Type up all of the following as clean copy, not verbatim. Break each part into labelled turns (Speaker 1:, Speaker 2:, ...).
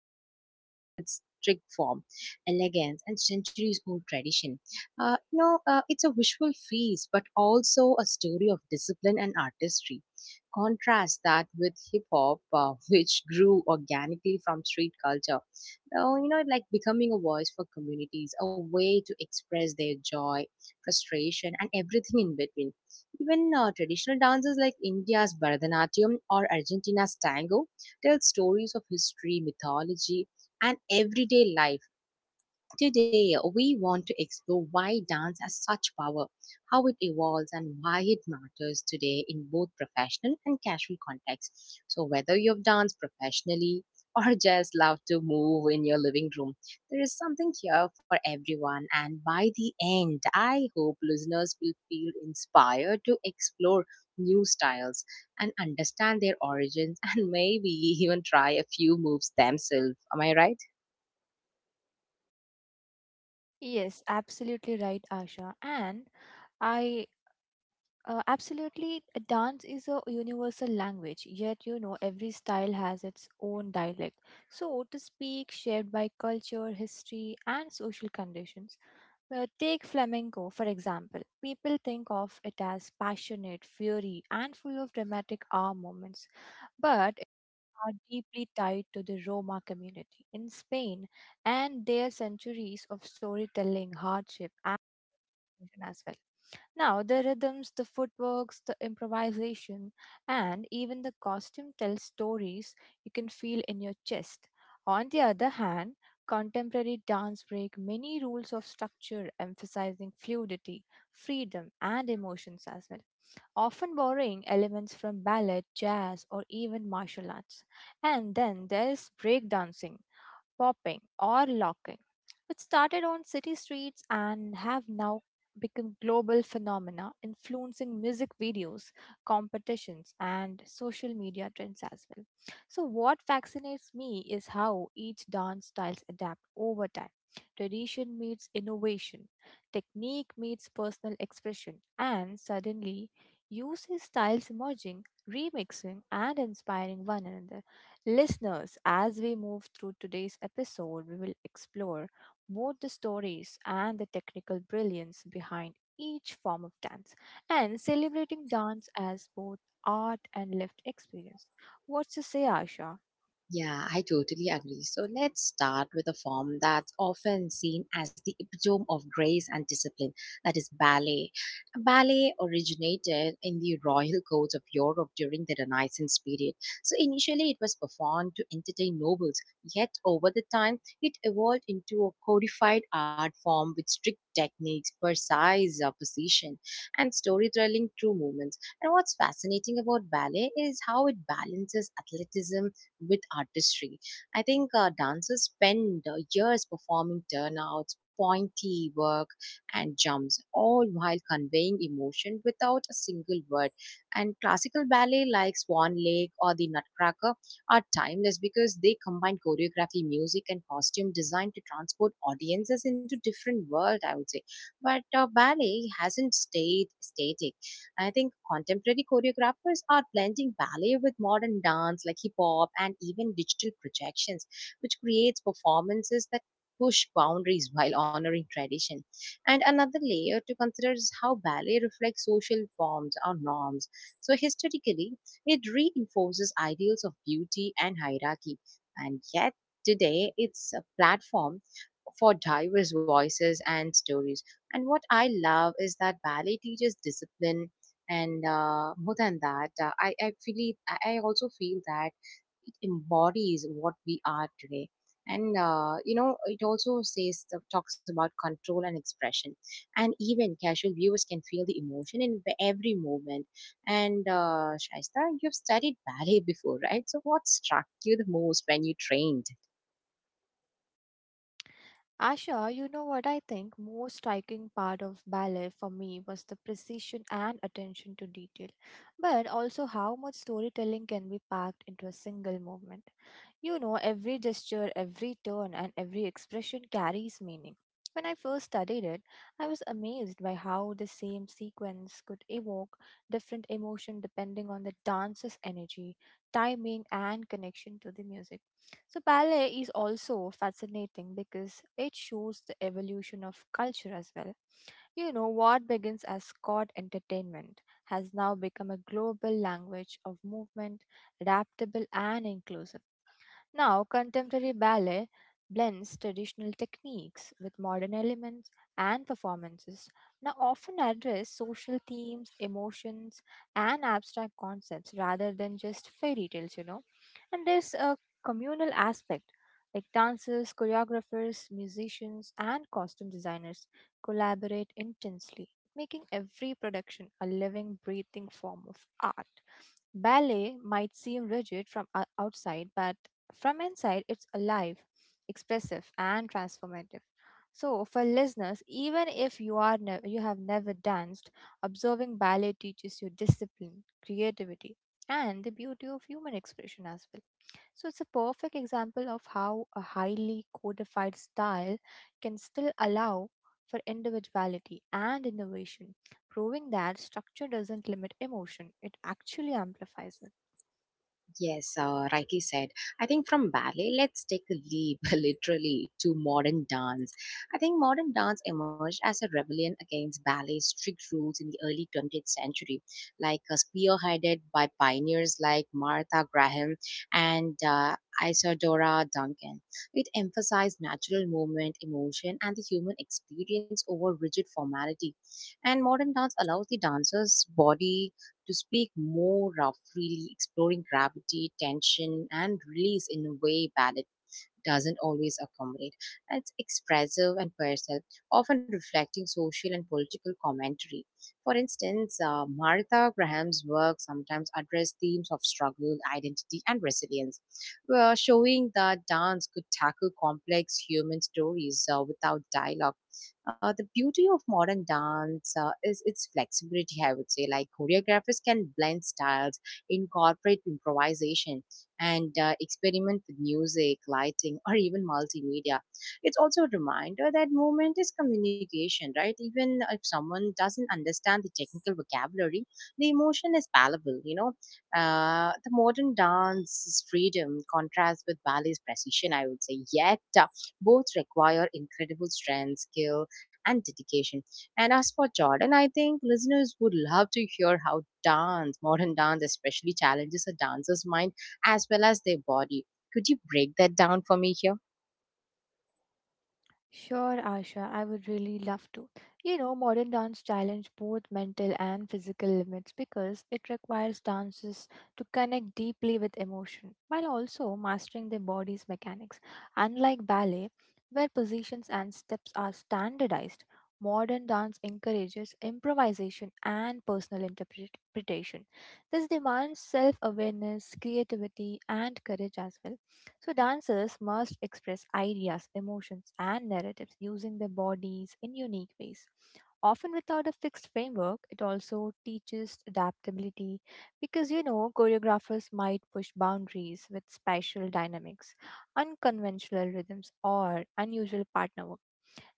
Speaker 1: instance, with its strict form, elegance, and centuries old tradition. It's a visual feast, but also a story of discipline and artistry. Contrast that with hip hop, which grew organically from street culture oh, you know, like becoming a voice for communities, a way to express their joy, frustration, and everything in between. Even traditional dances like India's Bharatanatyam or Argentina's tango tell stories of history, mythology, and everyday life. Today, we want to explore why dance has such power, how it evolves, and why it matters today in both professional and casual contexts. So, whether you've danced professionally or just love to move in your living room, there is something here for everyone. And by the end, I hope listeners will feel inspired to explore new styles and understand their origins and maybe even try a few moves themselves. Am I right?
Speaker 2: Yes, absolutely right, Asha. And I absolutely, dance is a universal language, yet, you know, every style has its own dialect. So to speak, shaped by culture, history, and social conditions. Take flamenco, for example. People think of it as passionate, fiery, and full of dramatic hour moments, but it are deeply tied to the Roma community in Spain and their centuries of storytelling, hardship, attention as well. Now, the rhythms, the footworks, the improvisation, and even the costume tell stories you can feel in your chest. On the other hand, contemporary dance break many rules of structure emphasizing fluidity, freedom, and emotions as well, often borrowing elements from ballet, jazz, or even martial arts. And then there's breakdancing, popping, or locking, which started on city streets and have now become global phenomena influencing music videos, competitions, and social media trends as well. So, what fascinates me is how each dance styles adapt over time. Tradition meets innovation, technique meets personal expression, and suddenly you see styles emerging, remixing, and inspiring one another. Listeners, as we move through today's episode, we will explore both the stories and the technical brilliance behind each form of dance and celebrating dance as both art and lived experience. What's to say, Asha?
Speaker 1: Yeah, I totally agree. So let's start with a form that's often seen as the epitome of grace and discipline, that is ballet. Ballet originated in the royal courts of Europe during the Renaissance period. So initially it was performed to entertain nobles, yet over the time it evolved into a codified art form with strict techniques, precise position, and storytelling through movements. And what's fascinating about ballet is how it balances athleticism with artistry. I think dancers spend years performing turnouts, pointy work, and jumps, all while conveying emotion without a single word. And classical ballet like Swan Lake or the Nutcracker are timeless because they combine choreography, music, and costume design to transport audiences into different world. I would say, but ballet hasn't stayed static. I think contemporary choreographers are blending ballet with modern dance like hip hop and even digital projections, which creates performances that push boundaries while honoring tradition. And another layer to consider is how ballet reflects social forms or norms. So historically, it reinforces ideals of beauty and hierarchy. And yet today it's a platform for diverse voices and stories. And what I love is that ballet teaches discipline, and more than that I feel it, I also feel that it embodies what we are today, and you know it also says, talks about control and expression. And even casual viewers can feel the emotion in every movement. And Shaista, you've studied ballet before, right? So what struck you the most when you trained?
Speaker 2: Asha, you know what, I think most striking part of ballet for me was the precision and attention to detail, but also how much storytelling can be packed into a single movement. You know, every gesture, every turn, and every expression carries meaning. When I first studied it, I was amazed by how the same sequence could evoke different emotion depending on the dancer's energy, timing, and connection to the music. So, ballet is also fascinating because it shows the evolution of culture as well, you know, what begins as Scott entertainment has now become a global language of movement, adaptable and inclusive. Now, contemporary ballet blends traditional techniques with modern elements and performances. Now, often address social themes, emotions, and abstract concepts rather than just fairy tales, you know. And there's a communal aspect like dancers, choreographers, musicians, and costume designers collaborate intensely, making every production a living, breathing form of art. Ballet might seem rigid from outside, but from inside, it's alive, expressive, and transformative. So, for listeners, even if you are you have never danced, observing ballet teaches you discipline, creativity, and the beauty of human expression as well. So it's a perfect example of how a highly codified style can still allow for individuality and innovation, proving that structure doesn't limit emotion, it actually amplifies it.
Speaker 1: Yes, rightly said. I think from ballet, let's take a leap literally to modern dance. I think modern dance emerged as a rebellion against ballet's strict rules in the early 20th century, like spearheaded by pioneers like Martha Graham and Isadora Duncan. It emphasized natural movement, emotion, and the human experience over rigid formality. And modern dance allows the dancer's body to speak more freely, exploring gravity, tension, and release in a way balance doesn't always accommodate. It's expressive and personal, often reflecting social and political commentary. For instance, Martha Graham's work sometimes address themes of struggle, identity, and resilience, showing that dance could tackle complex human stories without dialogue. The beauty of modern dance is its flexibility, I would say. Like choreographers can blend styles, incorporate improvisation, and experiment with music, lighting, or even multimedia. It's also a reminder that movement is communication, right? Even if someone doesn't understand the technical vocabulary, the emotion is palpable, you know. The modern dance's freedom contrasts with ballet's precision, I would say. Yet, both require incredible strength, skill, and dedication. And as for Jordan, I think listeners would love to hear how dance, modern dance especially, challenges a dancer's mind as well as their body. Could you break that down for me here?
Speaker 2: Sure, Asha, I would really love to. You know, modern dance challenge both mental and physical limits because it requires dancers to connect deeply with emotion while also mastering their body's mechanics. Unlike ballet, where positions and steps are standardized, modern dance encourages improvisation and personal interpretation. This demands self awareness, creativity, and courage as well. So, dancers must express ideas, emotions, and narratives using their bodies in unique ways. Often without a fixed framework, it also teaches adaptability because, you know, choreographers might push boundaries with spatial dynamics, unconventional rhythms, or unusual partner work.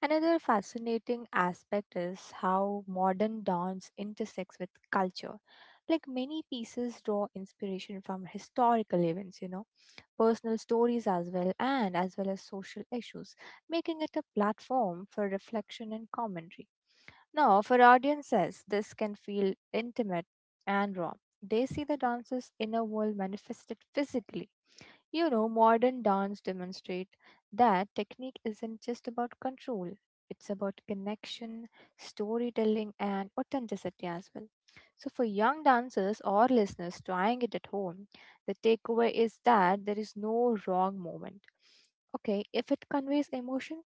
Speaker 2: Another fascinating aspect is how modern dance intersects with culture. Like many pieces draw inspiration from historical events, you know, personal stories as well and as well as social issues, making it a platform for reflection and commentary. Now, for audiences, this can feel intimate and raw. They see the dancer's inner world manifested physically. You know, modern dance demonstrate that technique isn't just about control. It's about connection, storytelling, and authenticity as well. So, for young dancers or listeners trying it at home, the takeaway is that there is no wrong moment. Okay, if it conveys emotion,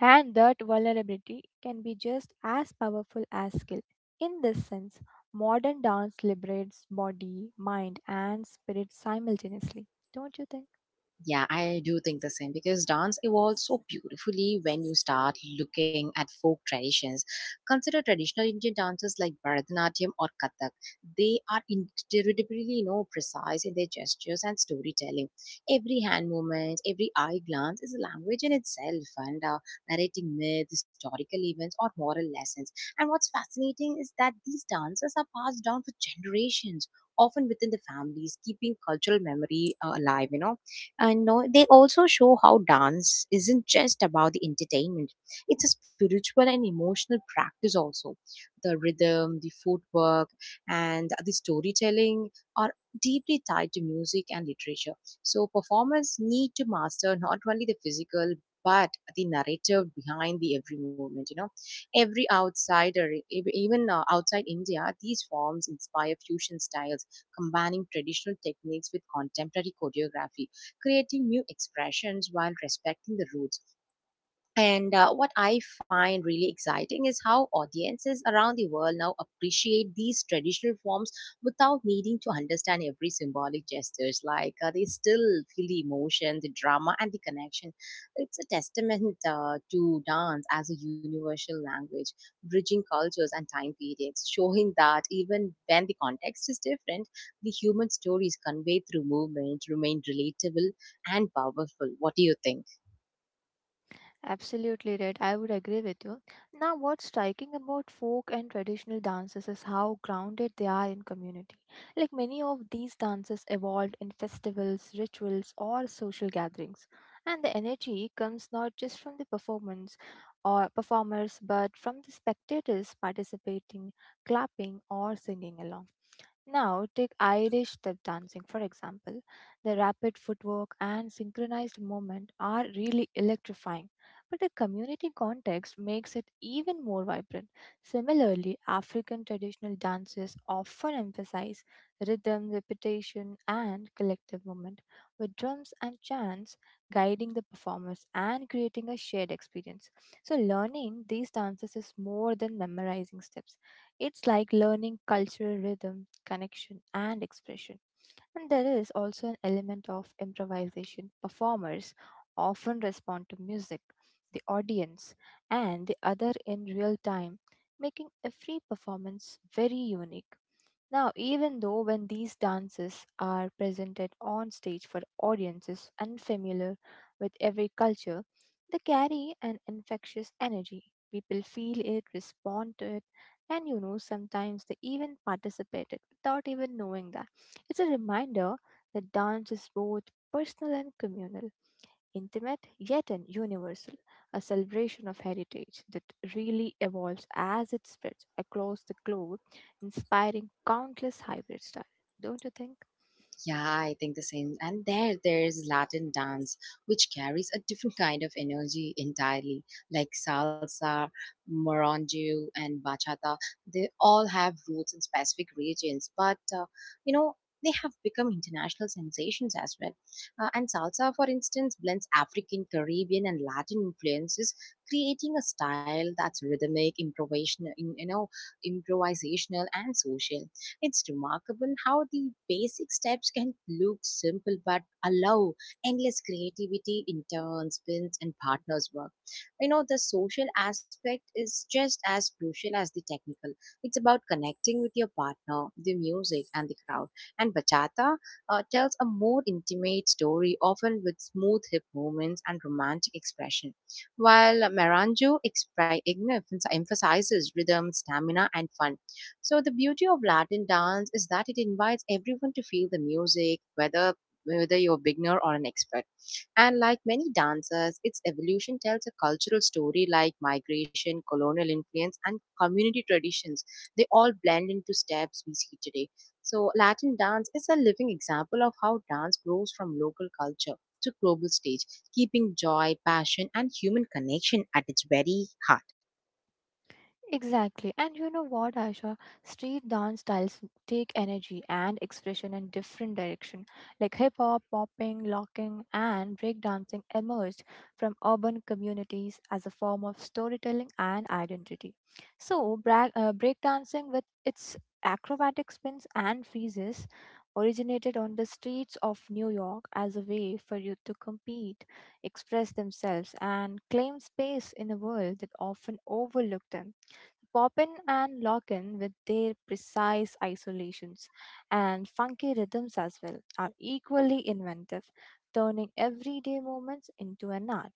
Speaker 2: and that vulnerability can be just as powerful as skill. In this sense, modern dance liberates body, mind, and spirit simultaneously. Don't you think?
Speaker 1: Yeah, I do think the same because dance evolves so beautifully when you start looking at folk traditions. Consider traditional Indian dances like Bharatanatyam or Kathak. They are incredibly, you know, precise in their gestures and storytelling. Every hand movement, every eye glance is a language in itself, and narrating myths, historical events, or moral lessons. And what's fascinating is that these dances are passed down for generations, often within the families, keeping cultural memory alive, you know. And you know, they also show how dance isn't just about the entertainment, it's a spiritual and emotional practice also. The rhythm, the footwork, and the storytelling are deeply tied to music and literature, so performers need to master not only the physical but the narrative behind the every movement, you know. Every outsider, even outside India, these forms inspire fusion styles, combining traditional techniques with contemporary choreography, creating new expressions while respecting the roots. And what I find really exciting is how audiences around the world now appreciate these traditional forms without needing to understand every symbolic gestures. Like they still feel the emotion, the drama, and the connection. It's a testament to dance as a universal language, bridging cultures and time periods, showing that even when the context is different, the human stories conveyed through movement remain relatable and powerful. What do you think?
Speaker 2: Absolutely right. I would agree with you. Now, what's striking about folk and traditional dances is how grounded they are in community. Like many of these dances evolved in festivals, rituals, or social gatherings. And the energy comes not just from the performance or performers, but from the spectators participating, clapping, or singing along. Now, take Irish step dancing, for example. The rapid footwork and synchronized movement are really electrifying, but the community context makes it even more vibrant. Similarly, African traditional dances often emphasize rhythm, repetition, and collective movement, with drums and chants guiding the performers and creating a shared experience. So, learning these dances is more than memorizing steps, it's like learning cultural rhythm, connection, and expression. And there is also an element of improvisation. Performers often respond to music, the audience, and the other in real time, making every performance very unique. Now, even though when these dances are presented on stage for audiences unfamiliar with every culture, they carry an infectious energy. People feel it, respond to it, and, you know, sometimes they even participate it without even knowing that. It's a reminder that dance is both personal and communal, intimate yet an universal, a celebration of heritage that really evolves as it spreads across the globe, inspiring countless hybrid styles. Don't you think?
Speaker 1: Yeah, I think the same. And there, there's Latin dance, which carries a different kind of energy entirely, like salsa, morongo, and bachata. They all have roots in specific regions, but you know they have become international sensations as well. And salsa, for instance, blends African, Caribbean, and Latin influences, creating a style that's rhythmic, improvisational, and social. It's remarkable how the basic steps can look simple but allow endless creativity in turns, spins, and partners work. You know, the social aspect is just as crucial as the technical. It's about connecting with your partner, the music, and the crowd. And bachata tells a more intimate story, often with smooth hip movements and romantic expression, while merengue emphasizes rhythm, stamina, and fun. So the beauty of Latin dance is that it invites everyone to feel the music, whether whether you're a beginner or an expert. And like many dances, its evolution tells a cultural story like migration, colonial influence, and community traditions. They all blend into steps we see today. So Latin dance is a living example of how dance grows from local culture to global stage, keeping joy, passion, and human connection at its very heart.
Speaker 2: Exactly. And you know what, Aisha? Street dance styles take energy and expression in different direction. Like hip hop, popping, locking, and breakdancing emerged from urban communities as a form of storytelling and identity. So, breakdancing with its acrobatic spins and freezes originated on the streets of New York as a way for youth to compete, express themselves, and claim space in a world that often overlooked them. Poppin and Lockin, with their precise isolations and funky rhythms as well, are equally inventive, turning everyday moments into an art.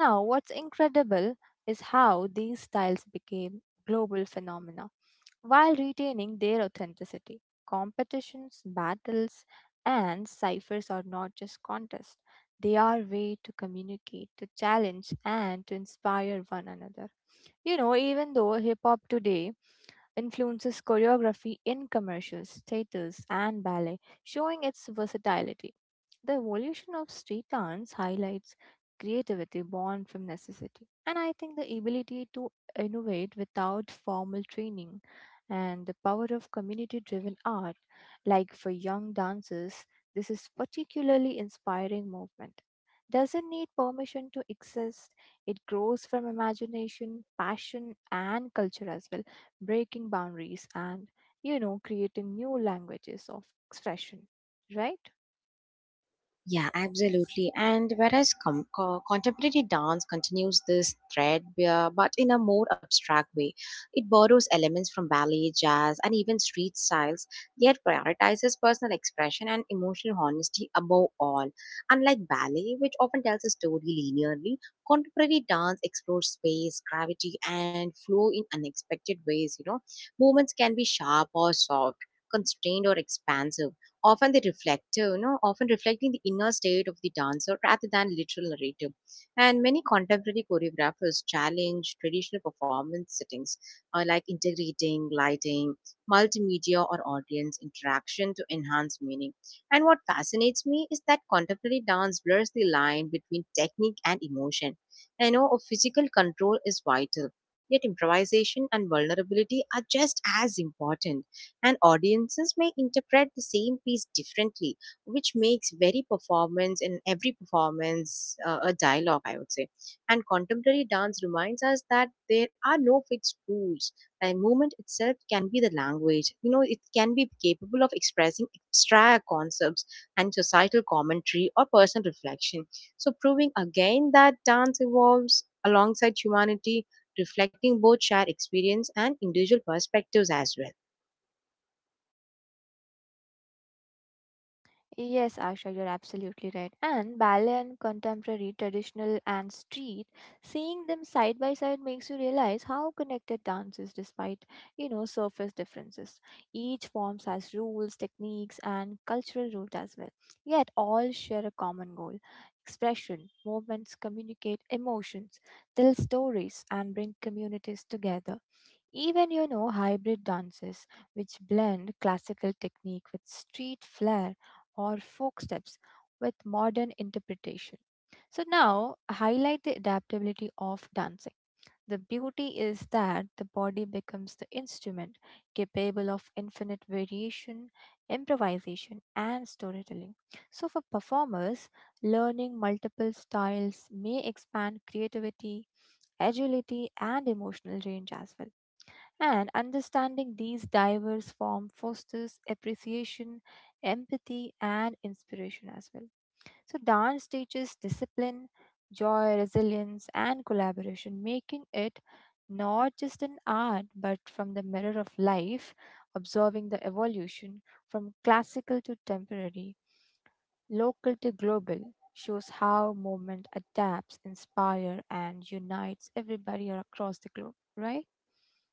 Speaker 2: Now, what's incredible is how these styles became global phenomena while retaining their authenticity. Competitions, battles, and ciphers are not just contests, they are way to communicate, to challenge, and to inspire one another. You know, even though hip hop today influences choreography in commercials, theaters, and ballet, showing its versatility. The evolution of street dance highlights creativity born from necessity, and I think the ability to innovate without formal training and the power of community driven art, like for young dancers, this is particularly inspiring movement. Doesn't need permission to exist. It grows from imagination, passion, and culture as well, breaking boundaries and, you know, creating new languages of expression, right?
Speaker 1: Yeah, absolutely. And whereas contemporary dance continues this thread, but in a more abstract way, it borrows elements from ballet, jazz, and even street styles, yet prioritizes personal expression and emotional honesty above all. Unlike ballet, which often tells a story linearly, contemporary dance explores space, gravity, and flow in unexpected ways. You know, movements can be sharp or soft, constrained or expansive, often they reflect, you know, often reflecting the inner state of the dancer rather than literal narrative. And many contemporary choreographers challenge traditional performance settings, like integrating lighting, multimedia, or audience interaction to enhance meaning. And what fascinates me is that contemporary dance blurs the line between technique and emotion. I know of physical control is vital, yet improvisation and vulnerability are just as important, and audiences may interpret the same piece differently, which makes very performance and every performance a dialogue, I would say. And contemporary dance reminds us that there are no fixed rules, and movement itself can be the language, you know, it can be capable of expressing abstract concepts and societal commentary or personal reflection, so proving again that dance evolves alongside humanity, reflecting both shared experience and individual perspectives as well.
Speaker 2: Yes, Asha, you're absolutely right. And ballet and contemporary, traditional and street, seeing them side by side makes you realize how connected dance is despite, you know, surface differences. Each form has rules, techniques, and cultural root as well. Yet all share a common goal. Expression, movements communicate emotions, tell stories, and bring communities together. Even, you know, hybrid dances, which blend classical technique with street flair or folk steps with modern interpretation. So now highlight the adaptability of dancing. The beauty is that the body becomes the instrument capable of infinite variation, improvisation, and storytelling. So, for performers, learning multiple styles may expand creativity, agility, and emotional range as well. And understanding these diverse forms fosters appreciation, empathy, and inspiration as well. So, dance teaches discipline, joy, resilience, and collaboration, making it not just an art but from the mirror of life, observing the evolution from classical to contemporary, local to global. Shows how movement adapts, inspires, and unites everybody across the globe, right?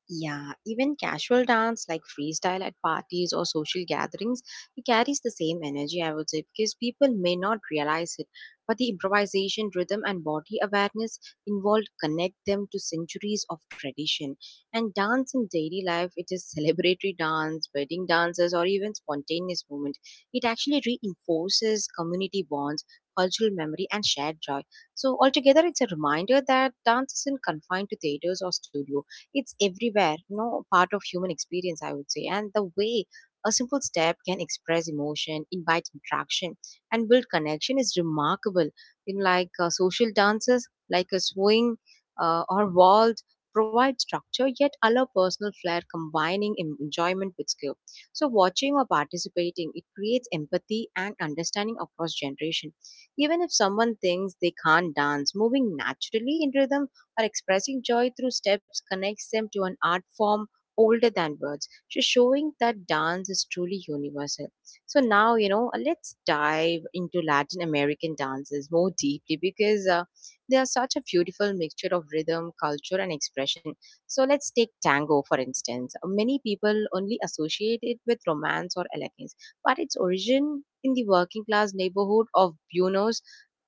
Speaker 1: Yeah, even casual dance like freestyle at parties or social gatherings, it carries the same energy, I would say, because people may not realize it. But the improvisation, rhythm, and body awareness involved connect them to centuries of tradition. And dance in daily life, it is celebratory dance, wedding dances, or even spontaneous movement. It actually reinforces community bonds, cultural memory, and shared joy. So altogether, it's a reminder that dance isn't confined to theaters or studios, it's everywhere, you know, part of human experience, I would say. And the way a simple step can express emotion, invite interaction, and build connection is remarkable. In like social dances, like a swing or waltz, provide structure yet allow personal flair, combining enjoyment with skill. So, watching or participating, it creates empathy and understanding across generation. Even if someone thinks they can't dance, moving naturally in rhythm her expressing joy through steps connects them to an art form older than words. She's showing that dance is truly universal. So now, let's dive into Latin American dances more deeply because they are such a beautiful mixture of rhythm, culture, and expression. So let's take tango, for instance. Many people only associate it with romance or elegance, but its origin in the working class neighborhood of Buenos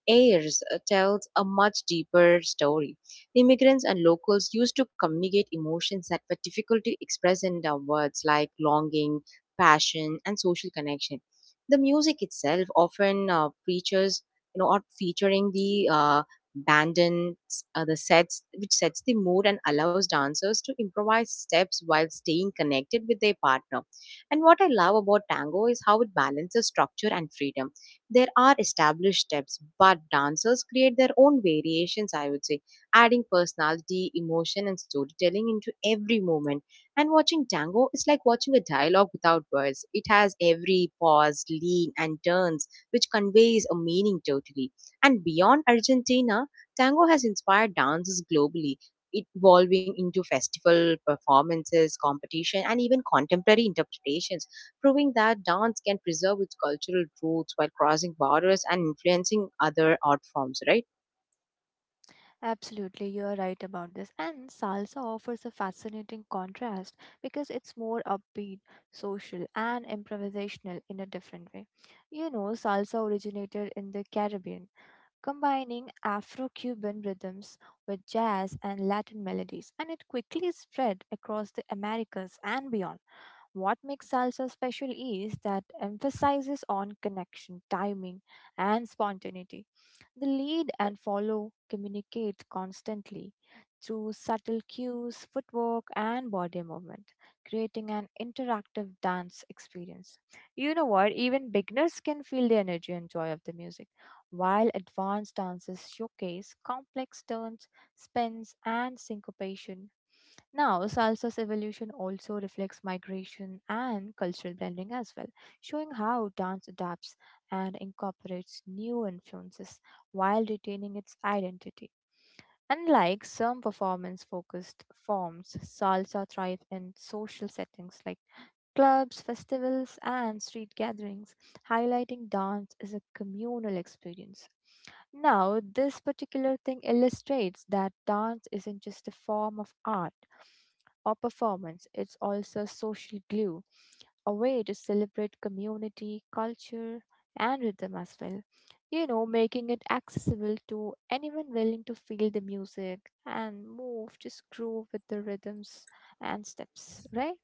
Speaker 1: Ayres tells a much deeper story. Immigrants and locals used to communicate emotions that were difficult to express in words like longing, passion, and social connection. The music itself often features, or featuring the bandons, the sets, which sets the mood and allows dancers to improvise steps while staying connected with their partner. And what I love about tango is how it balances structure and freedom. There are established steps, but dancers create their own variations, I would say adding personality, emotion, and storytelling into every moment. And watching tango is like watching a dialogue without words. It has every pause, lean, and turns, which conveys a meaning totally. And beyond Argentina, tango has inspired dances globally. It evolving into festival performances, competition, and even contemporary interpretations, proving that dance can preserve its cultural roots while crossing borders and influencing other art forms, right?
Speaker 2: Absolutely, you are right about this. And salsa offers a fascinating contrast because it's more upbeat, social, and improvisational in a different way. You know, salsa originated in the Caribbean, combining Afro Cuban rhythms with jazz and Latin melodies, and it quickly spread across the Americas and beyond. What makes salsa special is that emphasizes on connection, timing, and spontaneity. The lead and follow communicate constantly through subtle cues, footwork, and body movement, creating an interactive dance experience. You know what? Even beginners can feel the energy and joy of the music, while advanced dances showcase complex turns, spins, and syncopation. Now, salsa's evolution also reflects migration and cultural blending as well, showing how dance adapts and incorporates new influences while retaining its identity. Unlike some performance focused forms, salsa thrives in social settings like clubs, festivals, and street gatherings, highlighting dance as a communal experience. Now, this particular thing illustrates that dance isn't just a form of art or performance. It's also social glue, a way to celebrate community, culture, and rhythm as well. You know, making it accessible to anyone willing to feel the music and move, just groove with the rhythms and steps, right?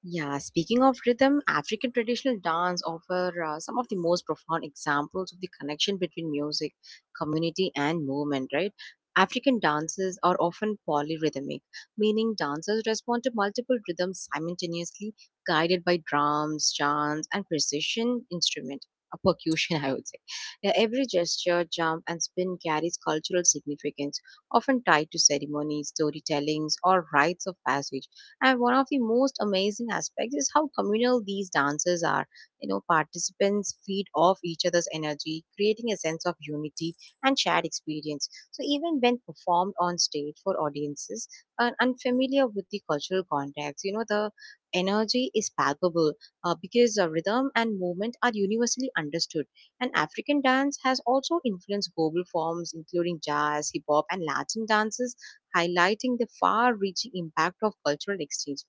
Speaker 1: Yeah, speaking of rhythm, African traditional dance offer some of the most profound examples of the connection between music, community, and movement, right? African dances are often polyrhythmic, meaning dancers respond to multiple rhythms simultaneously, guided by drums, chants, and precision instrument, a percussion, I would say. Yeah, every gesture, jump, and spin carries cultural significance, often tied to ceremonies, storytellings, or rites of passage and one of the most amazing aspects is how communal these dances are. You know, participants feed off each other's energy, creating a sense of unity and shared experience. So even when performed on stage for audiences unfamiliar with the cultural context, you know, the energy is palpable because rhythm and movement are universally understood. And African dance has also influenced global forms, including jazz, hip hop, and Latin dances highlighting the far reaching impact of cultural exchange.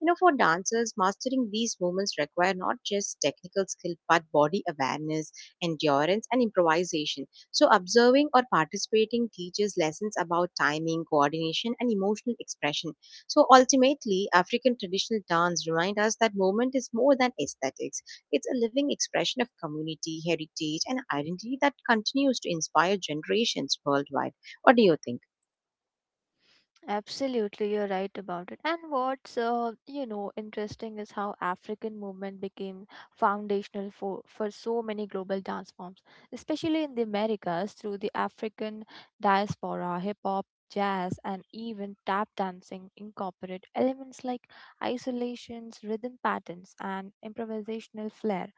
Speaker 1: You know, for dancers, mastering these movements require not just technical skill but body awareness, endurance, and improvisation. So, observing or participating teaches lessons about timing, coordination, and emotional expression. So, ultimately, African traditional dance remind us that movement is more than aesthetics. It's a living expression of community, heritage, and identity that continues to inspire generations worldwide. What do you think?
Speaker 2: Absolutely, you're right about it. And what's you know, interesting is how African movement became foundational for so many global dance forms, especially in the Americas through the African diaspora, hip hop, jazz, and even tap dancing incorporate elements like isolations, rhythm patterns, and improvisational flair.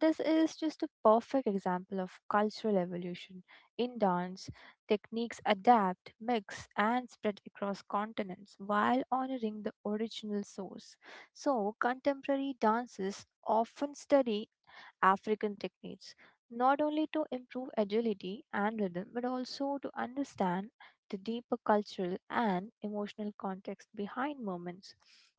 Speaker 2: This is just a perfect example of cultural evolution in dance. Techniques adapt, mix, and spread across continents while honoring the original source. So, contemporary dances often study African techniques, not only to improve agility and rhythm, but also to understand the deeper cultural and emotional context behind moments.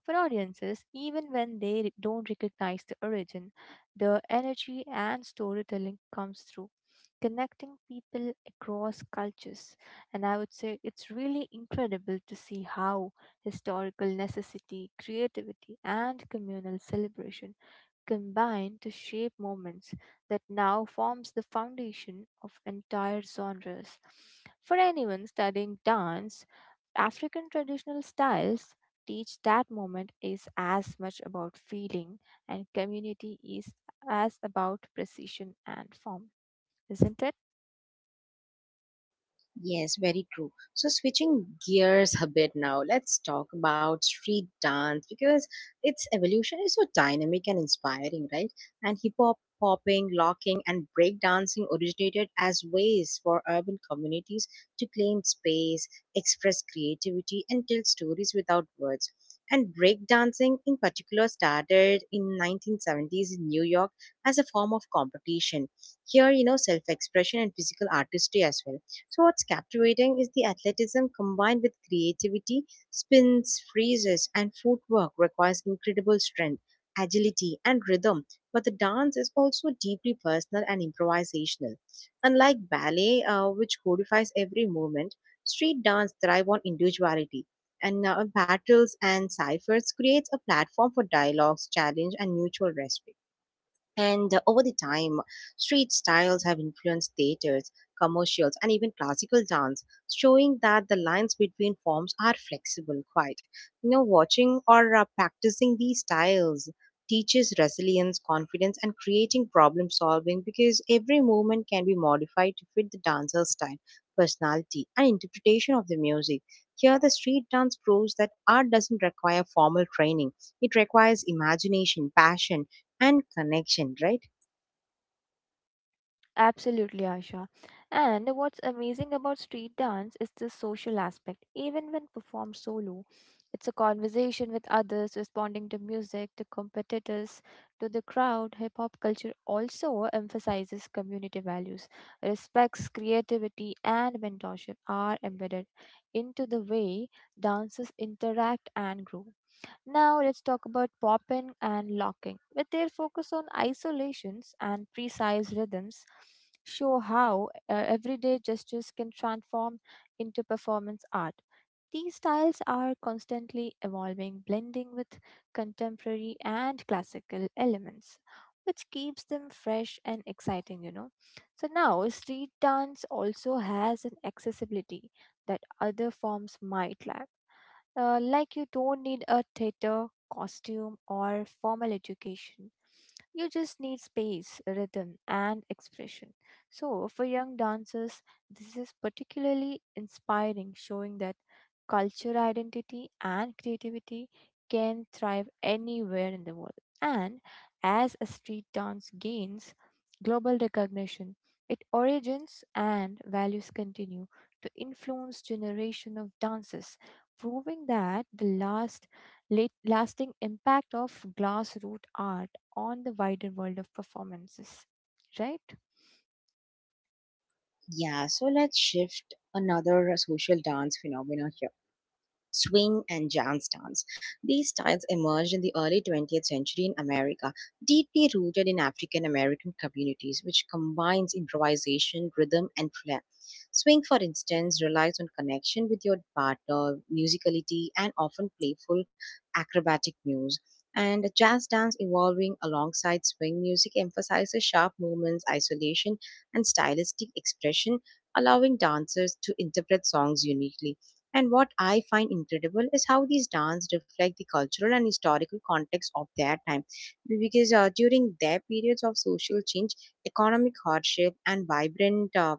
Speaker 2: For audiences, even when don't recognize the origin, the energy and storytelling comes through, connecting people across cultures. And I would say it's really incredible to see how historical necessity, creativity, and communal celebration combine to shape moments that now forms the foundation of entire genres. For anyone studying dance, African traditional styles teach that moment is as much about feeling and community is as about precision and form, isn't it?
Speaker 1: Yes, very true. So switching gears a bit now, let's talk about street dance because its evolution is so dynamic and inspiring, right? And hip hop, popping, locking, and breakdancing originated as ways for urban communities to claim space, express creativity, and tell stories without words. And breakdancing in particular started in 1970s in New York as a form of competition. Here, you know, self-expression and physical artistry as well so, what's captivating is the athleticism combined with creativity, spins, freezes, and footwork requires incredible strength, agility, and rhythm. But the dance is also deeply personal and improvisational. Unlike ballet, which codifies every movement, street dance thrive on individuality. And battles and ciphers creates a platform for dialogues, challenge, and mutual respect. And over the time, street styles have influenced theaters, commercials, and even classical dance, showing that the lines between forms are flexible, quite. You know, watching or practicing these styles teaches resilience, confidence, and creating problem solving because every movement can be modified to fit the dancer's style, personality, and interpretation of the music. Here, the street dance proves that art doesn't require formal training. It requires imagination, passion, and connection, right?
Speaker 2: Absolutely, Aisha. And what's amazing about street dance is the social aspect. Even when performed solo, it's a conversation with others, responding to music, to competitors, to the crowd. Hip hop culture also emphasizes community values, respects, creativity, and mentorship are embedded into the way dancers interact and grow. Now let's talk about popping and locking. With their focus on isolations and precise rhythms, show how everyday gestures can transform into performance art. These styles are constantly evolving, blending with contemporary and classical elements, which keeps them fresh and exciting. So now, street dance also has an accessibility that other forms might lack, like you don't need a theater costume or formal education. You just need space, rhythm, and expression. So, for young dancers, this is particularly inspiring, showing that culture identity and creativity can thrive anywhere in the world. And as a street dance gains global recognition, its origins and values continue to influence generation of dancers, proving that the lasting impact of grassroots art on the wider world of performances, right?
Speaker 1: Yeah, so let's shift another social dance phenomena here. Swing and jazz dance. These styles emerged in the early 20th century in America, deeply rooted in African American communities, which combines improvisation, rhythm, and flair. Swing, for instance, relies on connection with your partner, musicality, and often playful acrobatic moves. And jazz dance evolving alongside swing music emphasizes sharp movements, isolation, and stylistic expression, allowing dancers to interpret songs uniquely. And what I find incredible is how these dance reflect the cultural and historical context of their time. Because during their periods of social change, economic hardship, and vibrant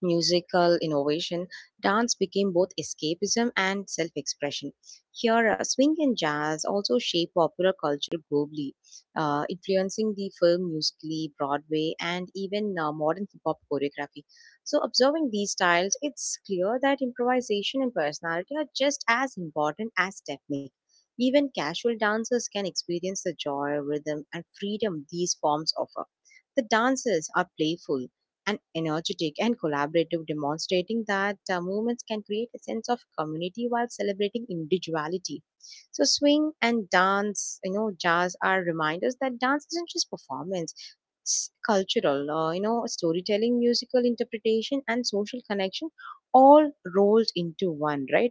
Speaker 1: musical innovation, dance became both escapism and self expression. Here, swing and jazz also shaped popular culture globally, influencing the film musically, Broadway, and even modern hip hop choreography. So, observing these styles, it's clear that improvisation and personality are just as important as technique. Even casual dancers can experience the joy, rhythm, and freedom these forms offer. The dances are playful, and energetic and collaborative, demonstrating that movements can create a sense of community while celebrating individuality. So, swing and dance, you know, jazz are reminders that dance isn't just performance. It's cultural, storytelling, musical interpretation, and social connection all rolled into one, right?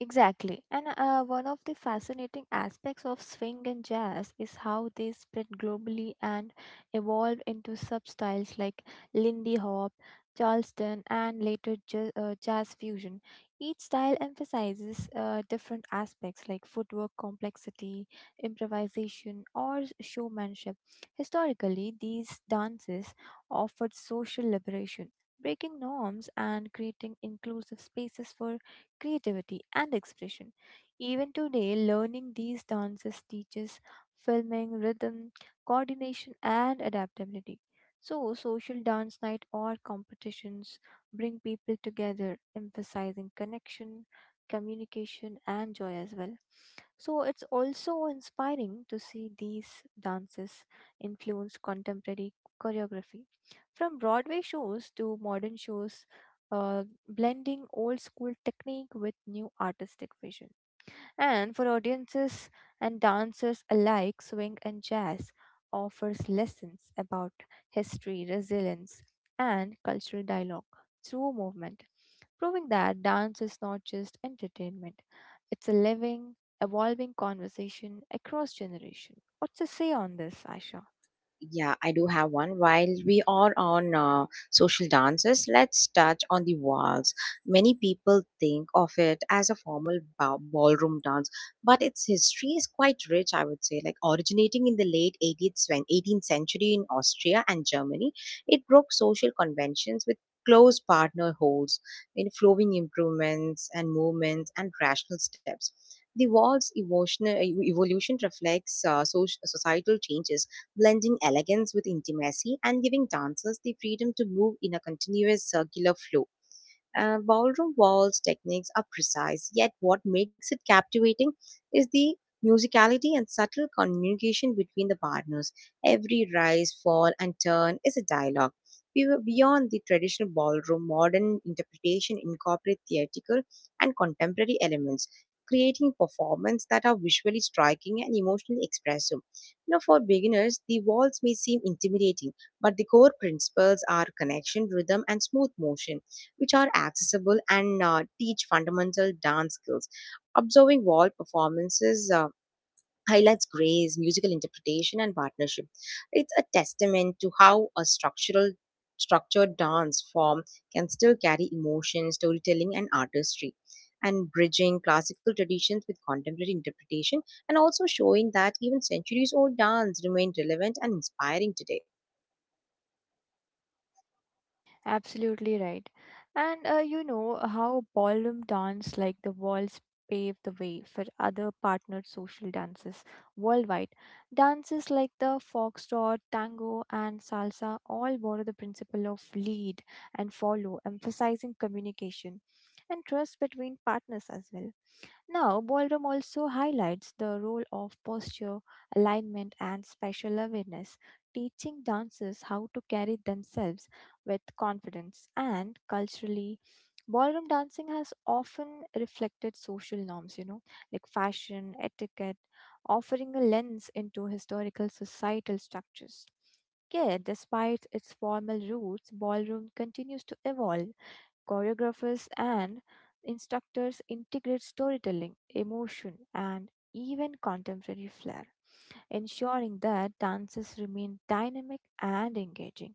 Speaker 2: Exactly. And one of the fascinating aspects of swing and jazz is how they spread globally and evolved into substyles like Lindy Hop, Charleston, and later jazz fusion. Each style emphasizes different aspects like footwork complexity, improvisation, or showmanship. Historically, these dances offered social liberation, breaking norms and creating inclusive spaces for creativity and expression. Even today, learning these dances teaches filming, rhythm, coordination, and adaptability. So, social dance night or competitions bring people together, emphasizing connection, communication, and joy as well. So, it's also inspiring to see these dances influence contemporary choreography, from Broadway shows to modern shows, blending old school technique with new artistic vision. And for audiences and dancers alike, swing and jazz offers lessons about history, resilience, and cultural dialogue through movement, proving that dance is not just entertainment, it's a living, evolving conversation across generation. What's to say on this, Aisha?
Speaker 1: Yeah, I do have one. While we are on social dances, let's touch on the waltz. Many people think of it as a formal ballroom dance, but its history is quite rich, I would say. Like originating in the late 18th century in Austria and Germany, it broke social conventions with close partner holds, in flowing improvements and movements and rational steps. The evolution reflects societal changes blending elegance with intimacy and giving dancers the freedom to move in a continuous circular flow. Ballroom waltz techniques are precise, yet what makes it captivating is the musicality and subtle communication between the partners. Every rise, fall, and turn is a dialogue. We were Beyond the traditional ballroom, modern interpretation incorporates theatrical and contemporary elements, creating performances that are visually striking and emotionally expressive. Now, for beginners, the waltz may seem intimidating, but the core principles are connection, rhythm, and smooth motion which are accessible and teach fundamental dance skills. Observing wall performances highlights grace, musical interpretation, and partnership. It's a testament to how a structural structured dance form can still carry emotion, storytelling, and artistry. And bridging classical traditions with contemporary interpretation, and also showing that even centuries old dance remain relevant and inspiring today.
Speaker 2: Absolutely right. And you know how ballroom dance like the waltz paved the way for other partnered social dances worldwide. Dances like the foxtrot, tango, and salsa all borrow the principle of lead and follow, emphasizing communication and trust between partners as well. Now, ballroom also highlights the role of posture, alignment, and spatial awareness, teaching dancers how to carry themselves with confidence. And culturally, ballroom dancing has often reflected social norms, you know, like fashion, etiquette, offering a lens into historical societal structures. Yet, despite its formal roots, ballroom continues to evolve. Choreographers and instructors integrate storytelling, emotion, and even contemporary flair, ensuring that dances remain dynamic and engaging.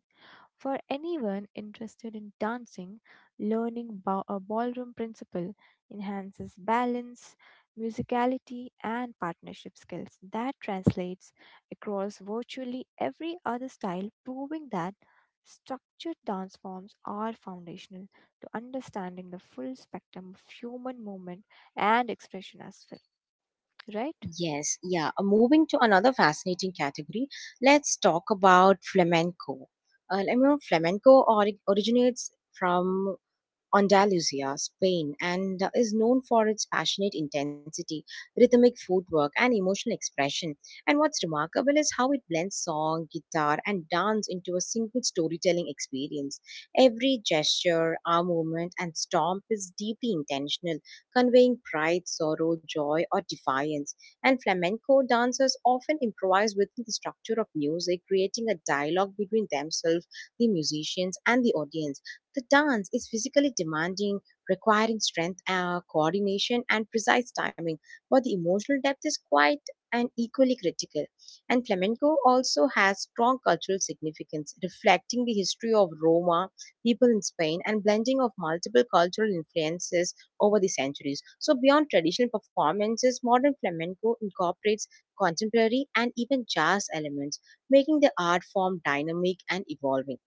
Speaker 2: For anyone interested in dancing, learning a ballroom principle enhances balance, musicality, and partnership skills that translates across virtually every other style, proving that structured dance forms are foundational to understanding the full spectrum of human movement and expression as well, right?
Speaker 1: Yes, yeah. Moving to another fascinating category, let's talk about flamenco. Flamenco originates from Andalusia, Spain, and is known for its passionate intensity, rhythmic footwork, and emotional expression. And what's remarkable is how it blends song, guitar, and dance into a single storytelling experience. Every gesture, arm movement, and stomp is deeply intentional, conveying pride, sorrow, joy, or defiance. And flamenco dancers often improvise within the structure of music, creating a dialogue between themselves, the musicians, and the audience the dance is physically demanding, requiring strength, coordination, and precise timing, but the emotional depth is quite and equally critical. And flamenco also has strong cultural significance, reflecting the history of Roma, people in Spain, and blending of multiple cultural influences over the centuries. So, beyond traditional performances, modern flamenco incorporates contemporary and even jazz elements, making the art form dynamic and evolving.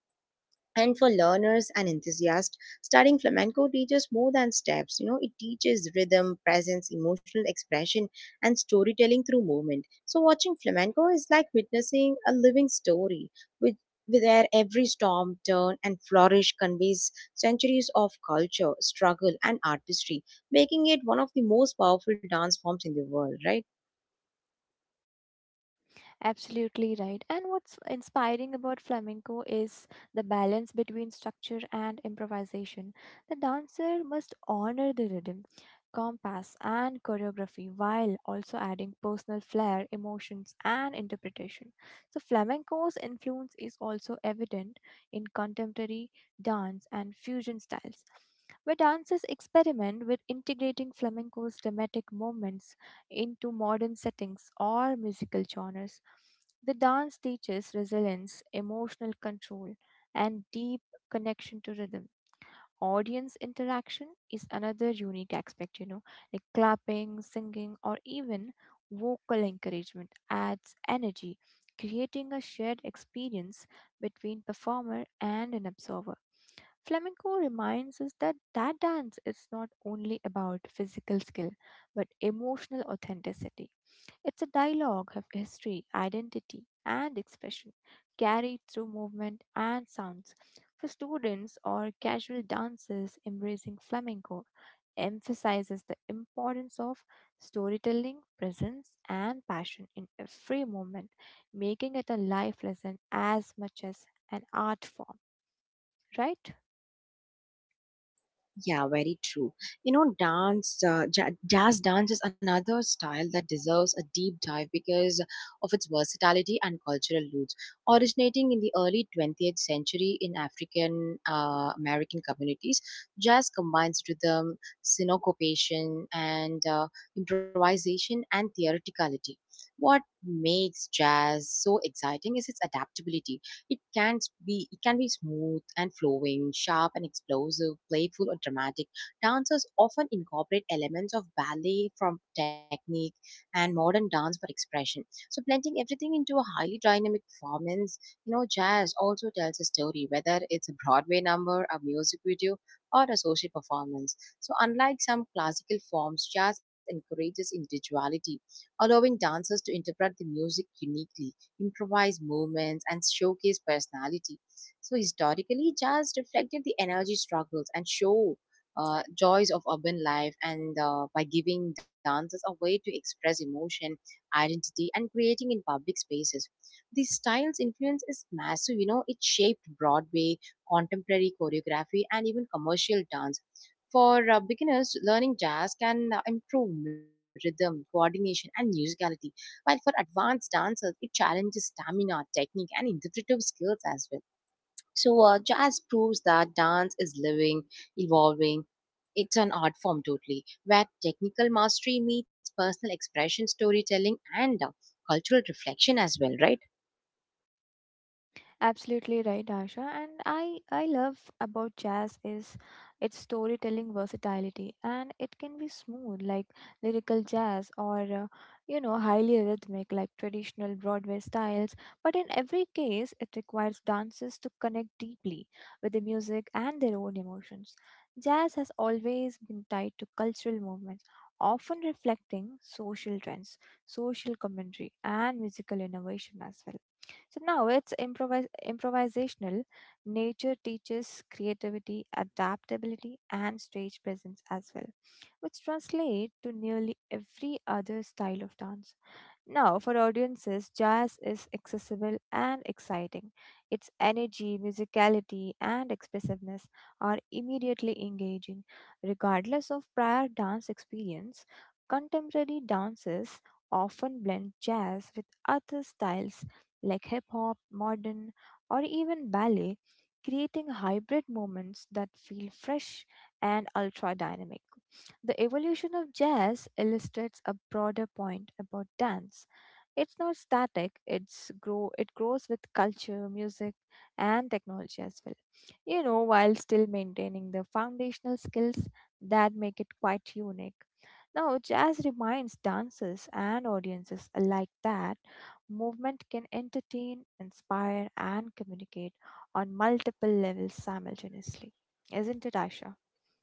Speaker 1: And for learners and enthusiasts, studying flamenco teaches more than steps. You know, it teaches rhythm, presence, emotional expression, and storytelling through movement. So watching flamenco is like witnessing a living story, with where every storm, turn, and flourish conveys centuries of culture, struggle, and artistry, making it one of the most powerful dance forms in the world, right?
Speaker 2: Absolutely right. And what's inspiring about flamenco is the balance between structure and improvisation. The dancer must honor the rhythm, compass, and choreography while also adding personal flair, emotions, and interpretation. So, flamenco's influence is also evident in contemporary dance and fusion styles, where dancers experiment with integrating flamenco's dramatic moments into modern settings or musical genres. The dance teaches resilience, emotional control, and deep connection to rhythm. Audience interaction is another unique aspect, you know, like clapping, singing, or even vocal encouragement adds energy, creating a shared experience between performer and an observer. Flamenco reminds us that dance is not only about physical skill but emotional authenticity. It's a dialogue of history, identity, and expression, carried through movement and sounds. For students or casual dancers, embracing flamenco emphasizes the importance of storytelling, presence, and passion in every moment, making it a life lesson as much as an art form, right?
Speaker 1: Yeah, very true. You know, jazz dance is another style that deserves a deep dive because of its versatility and cultural roots. Originating in the early 20th century in African American communities, jazz combines rhythm, syncopation, and improvisation and theatricality. What makes jazz so exciting is its adaptability. It can it can be smooth and flowing, sharp and explosive, playful or dramatic. Dancers often incorporate elements of ballet from technique and modern dance for expression. So blending everything into a highly dynamic performance, you know, jazz also tells a story, whether it's a Broadway number, a music video, or a social performance. So unlike some classical forms, jazz encourages individuality, allowing dancers to interpret the music uniquely improvise movements, and showcase personality. So historically, jazz reflected the energy struggles and show joys of urban life, and by giving dancers a way to express emotion, identity, and creating in public spaces. The style's influence is massive. You know, it shaped Broadway, contemporary choreography, and even commercial dance. For beginners, learning jazz can improve rhythm, coordination, and musicality while for advanced dancers, it challenges stamina, technique, and interpretive skills as well. Jazz proves that dance is living, evolving. It's an art form totally, where technical mastery meets personal expression, storytelling, and cultural reflection as well, right?
Speaker 2: Absolutely right, Asha. And I love about jazz is its storytelling versatility, and it can be smooth like lyrical jazz or you know highly rhythmic like traditional Broadway styles. But in every case, it requires dancers to connect deeply with the music and their own emotions. Jazz has always been tied to cultural movements, often reflecting social trends, social commentary, and musical innovation as well, so now it's improvisational. Nature teaches creativity, adaptability, and stage presence as well, which translate to nearly every other style of dance. Now, for audiences, jazz is accessible and exciting. Its energy, musicality, and expressiveness are immediately engaging. Regardless of prior dance experience, contemporary dances often blend jazz with other styles like hip hop, modern, or even ballet, creating hybrid moments that feel fresh and ultra dynamic. The evolution of jazz illustrates a broader point about dance. It's not static, it grows with culture, music and technology as well. You know, while still maintaining the foundational skills that make it quite unique. Now, jazz reminds dancers and audiences alike that movement can entertain, inspire and communicate on multiple levels simultaneously. Isn't it, Asha?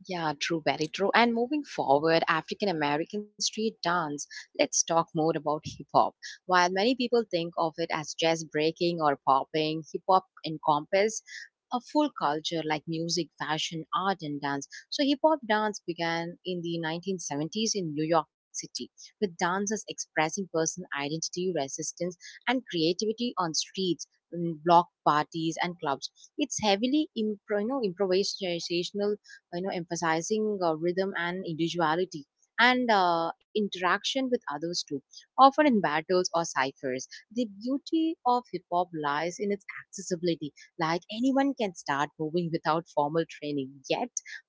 Speaker 1: Yeah, true, very true. And moving forward, African American street dance, let's talk more about hip hop. While many people think of it as jazz breaking or popping, hip hop encompasses a full culture like music, fashion, art, and dance. So, hip hop dance began in the 1970s in New York City, with dancers expressing personal identity, resistance, and creativity on streets, in block parties, and clubs. It's heavily improvisational, emphasizing rhythm and individuality, and interaction with others too, often in battles or ciphers. The beauty of hip hop lies in its accessibility, like anyone can start moving without formal training, yet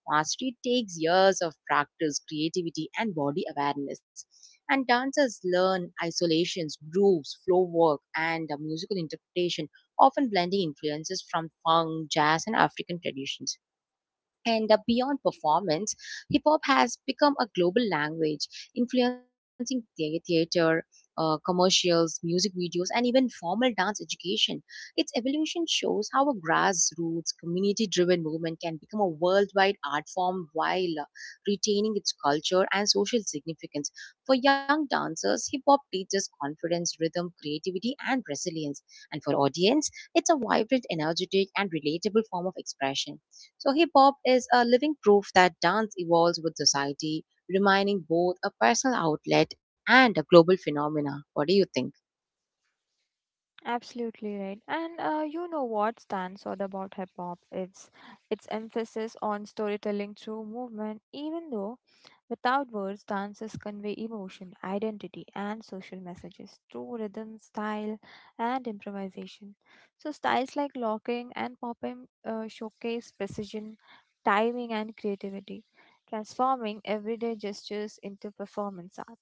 Speaker 1: mastery takes years of practice, creativity, and body awareness. And dancers learn isolations, grooves, flow work, and musical interpretation, often blending influences from funk, jazz, and African traditions. And beyond performance, hip hop has become a global language, influencing theater, commercials, music videos, and even formal dance education. Its evolution shows how a grassroots, community driven movement can become a worldwide art form while retaining its culture and social significance. For young dancers, hip hop teaches confidence, rhythm, creativity, and resilience. And for audience, it's a vibrant, energetic, and relatable form of expression. So hip hop is a living proof that dance evolves with society, remaining both a personal outlet and a global phenomena. What do you think?
Speaker 2: Absolutely right. And you know what stands out about hip hop? It's its emphasis on storytelling through movement, even though without words, dances convey emotion, identity, and social messages through rhythm, style, and improvisation. So, styles like locking and popping showcase precision, timing, and creativity, transforming everyday gestures into performance art.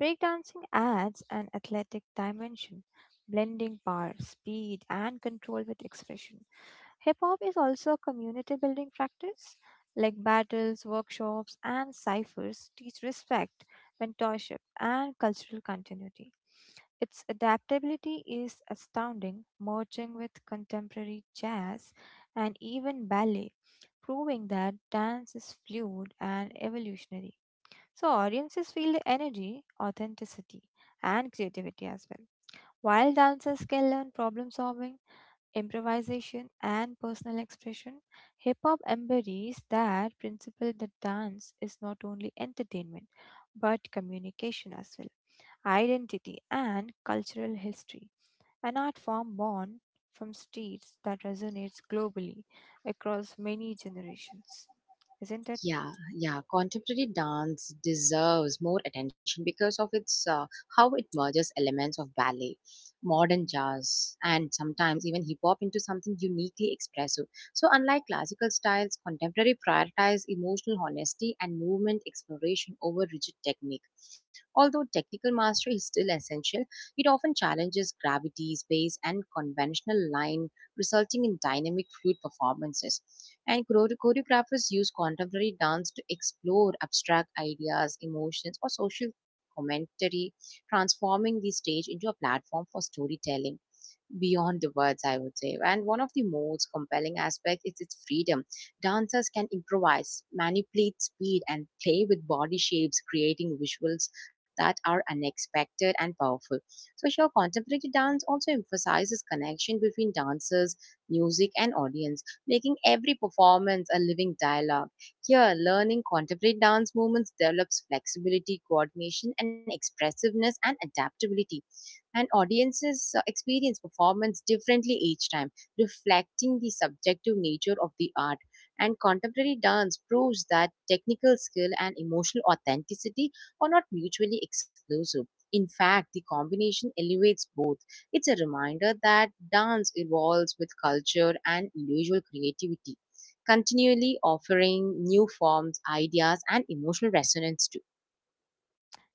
Speaker 2: Breakdancing adds an athletic dimension, blending power, speed, and control with expression. Hip hop is also a community building practice, like battles, workshops, and ciphers teach respect, mentorship, and cultural continuity. Its adaptability is astounding, merging with contemporary jazz and even ballet, proving that dance is fluid and evolutionary. So audiences feel the energy, authenticity, and creativity as well. While dancers can learn problem solving, improvisation, and personal expression, hip hop embodies that principle that dance is not only entertainment but communication as well, identity, and cultural history. An art form born from streets that resonates globally across many generations. Isn't it?
Speaker 1: Yeah, yeah. Contemporary dance deserves more attention because of its how it merges elements of ballet, modern jazz, and sometimes even hip hop into something uniquely expressive. So, unlike classical styles, contemporary prioritize emotional honesty and movement exploration over rigid technique. Although technical mastery is still essential, it often challenges gravity, space, and conventional line, resulting in dynamic, fluid performances. And choreographers use contemporary dance to explore abstract ideas, emotions, or social commentary, transforming the stage into a platform for storytelling beyond the words, I would say. And one of the most compelling aspects is its freedom. Dancers can improvise, manipulate speed, and play with body shapes, creating visuals that are unexpected and powerful. So, sure, contemporary dance also emphasizes connection between dancers, music, and audience, making every performance a living dialogue. Here, learning contemporary dance movements develops flexibility, coordination, and expressiveness, and adaptability, and audiences experience performance differently each time, reflecting the subjective nature of the art. And contemporary dance proves that technical skill and emotional authenticity are not mutually exclusive. In fact, the combination elevates both. It's a reminder that dance evolves with culture and individual creativity, continually offering new forms, ideas, and emotional resonance too.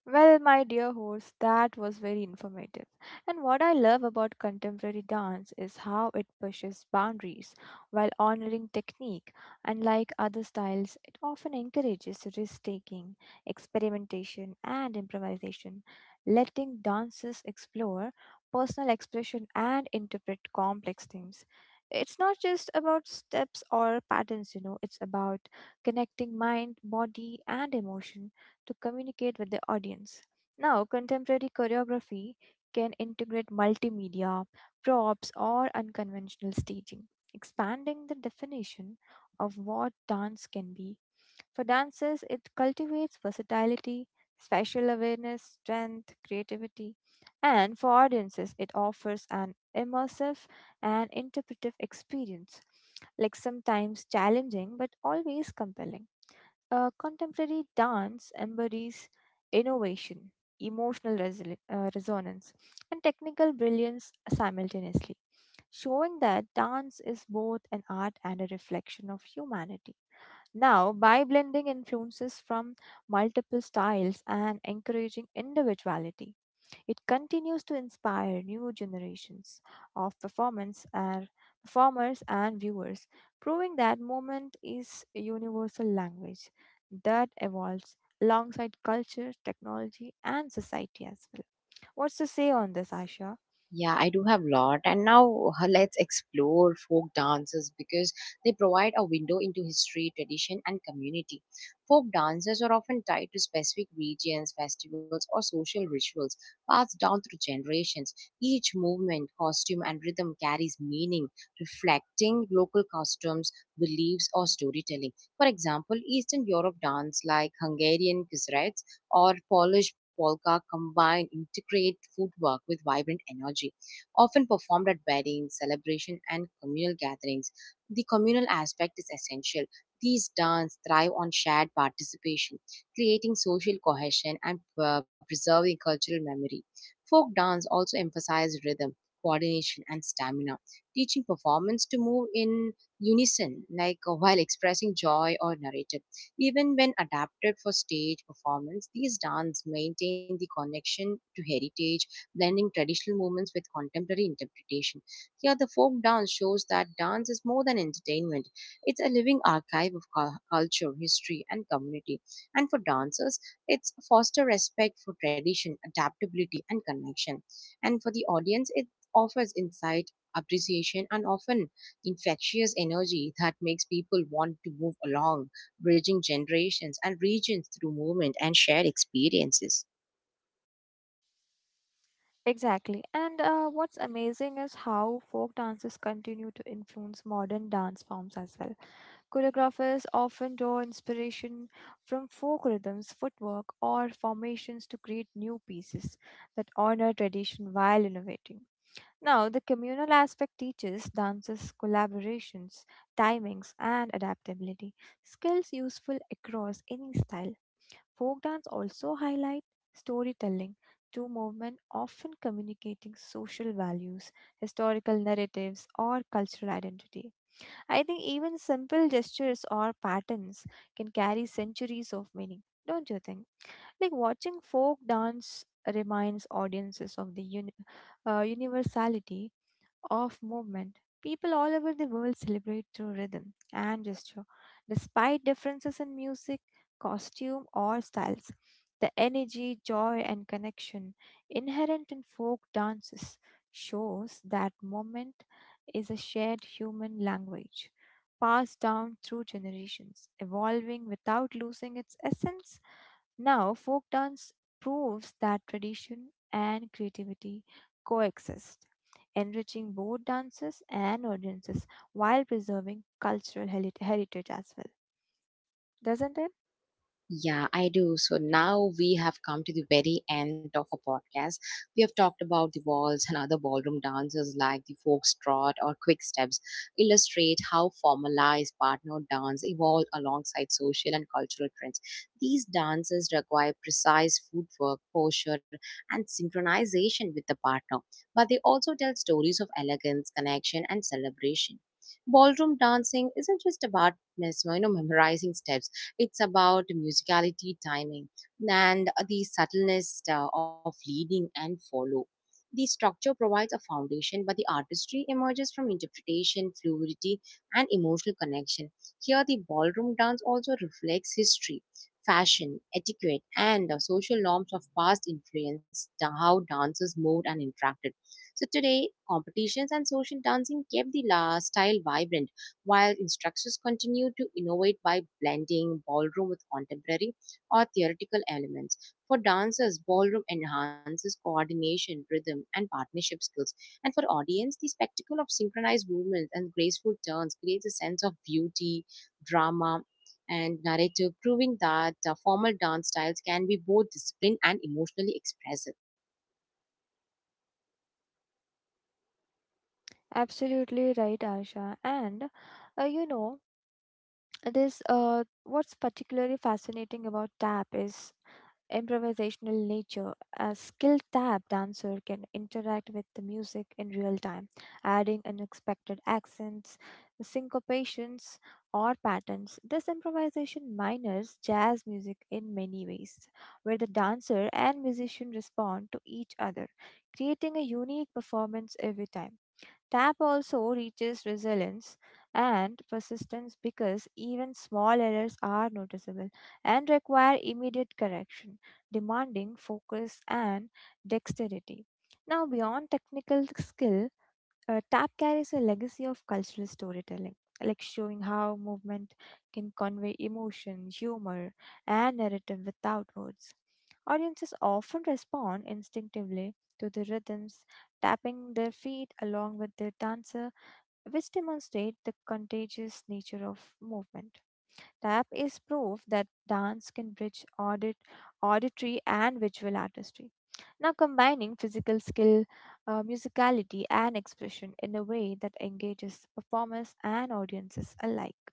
Speaker 2: Well, my dear host, that was very informative. And what I love about contemporary dance is how it pushes boundaries while honoring technique. Unlike other styles, it often encourages risk taking, experimentation, and improvisation, letting dancers explore personal expression and interpret complex themes. It's not just about steps or patterns, you know, it's about connecting mind, body, and emotion to communicate with the audience. Now, contemporary choreography can integrate multimedia, props, or unconventional staging, expanding the definition of what dance can be. For dancers, it cultivates versatility, spatial awareness, strength, creativity, and for audiences, it offers an immersive and interpretive experience, like sometimes challenging but always compelling. Contemporary dance embodies innovation, emotional resonance, and technical brilliance simultaneously, showing that dance is both an art and a reflection of humanity. Now, by blending influences from multiple styles and encouraging individuality, it continues to inspire new generations of performance and performers and viewers, proving that movement is a universal language that evolves alongside culture, technology, and society as well. What's to say on this, Aisha?
Speaker 1: Yeah, I do have lot. And now let's explore folk dances because they provide a window into history, tradition, and community. Folk dances are often tied to specific regions, festivals, or social rituals passed down through generations. Each movement, costume, and rhythm carries meaning, reflecting local customs, beliefs, or storytelling. For example, Eastern Europe dance like Hungarian kisrets or Polish polka combine intricate footwork with vibrant energy, often performed at weddings, celebration, and communal gatherings. The communal aspect is essential. These dance thrive on shared participation, creating social cohesion and preserving cultural memory. Folk dance also emphasizes rhythm, coordination, and stamina, teaching performance to move in unison, while expressing joy or narrative. Even when adapted for stage performance, these dance maintain the connection to heritage, blending traditional movements with contemporary interpretation. Here, the folk dance shows that dance is more than entertainment. It's a living archive of culture, history, and community. And for dancers, it's foster respect for tradition, adaptability, and connection. And for the audience, it offers insight, appreciation, and often infectious energy that makes people want to move along, bridging generations and regions through movement and shared experiences.
Speaker 2: Exactly. And what's amazing is how folk dances continue to influence modern dance forms as well. Choreographers often draw inspiration from folk rhythms, footwork, or formations to create new pieces that honor tradition while innovating. Now, the communal aspect teaches dancers collaborations, timings, and adaptability, skills useful across any style. Folk dance also highlight storytelling through movement, often communicating social values, historical narratives, or cultural identity. I think even simple gestures or patterns can carry centuries of meaning, don't you think? Like watching folk dance reminds audiences of the universality of movement. People all over the world celebrate through rhythm and gesture. Despite differences in music, costume, or styles, the energy, joy, and connection inherent in folk dances shows that movement is a shared human language, passed down through generations, evolving without losing its essence. Now, folk dance proves that tradition and creativity coexist, enriching both dancers and audiences while preserving cultural heritage as well. Doesn't it?
Speaker 1: Yeah, I do. So now we have come to the very end of a podcast. We have talked about the waltz and other ballroom dances like the foxtrot or quick steps, illustrate how formalized partner dance evolved alongside social and cultural trends. These dances require precise footwork, posture, and synchronization with the partner, but they also tell stories of elegance, connection, and celebration. Ballroom dancing isn't just about memorizing steps, it's about musicality, timing, and the subtleness of leading and follow. The structure provides a foundation, but the artistry emerges from interpretation, fluidity, and emotional connection. Here, the ballroom dance also reflects history, fashion, etiquette, and the social norms of past influence, how dancers moved and interacted. So, today, competitions and social dancing kept the style vibrant, while instructors continue to innovate by blending ballroom with contemporary or theoretical elements. For dancers, ballroom enhances coordination, rhythm, and partnership skills. And for audience, the spectacle of synchronized movements and graceful turns creates a sense of beauty, drama, and narrative, proving that formal dance styles can be both disciplined and emotionally expressive.
Speaker 2: Absolutely right, Asha. And you know, this what's particularly fascinating about tap is improvisational nature. A skilled tap dancer can interact with the music in real time, adding unexpected accents, syncopations, or patterns. This improvisation mimics jazz music in many ways, where the dancer and musician respond to each other, creating a unique performance every time. Tap also reaches resilience and persistence because even small errors are noticeable and require immediate correction, demanding focus and dexterity. Now, beyond technical skill, tap carries a legacy of cultural storytelling, like showing how movement can convey emotion, humor, and narrative without words. Audiences often respond instinctively to the rhythms, tapping their feet along with the dancer, which demonstrate the contagious nature of movement. Tap is proof that dance can bridge auditory and visual artistry. Now, combining physical skill, musicality, and expression in a way that engages performers and audiences alike.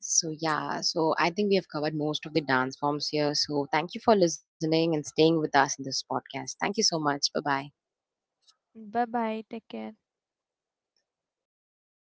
Speaker 1: So, yeah, so I think we have covered most of the dance forms here. So, thank you for listening and staying with us in this podcast. Thank you so much. Bye bye.
Speaker 2: Bye bye. Take care.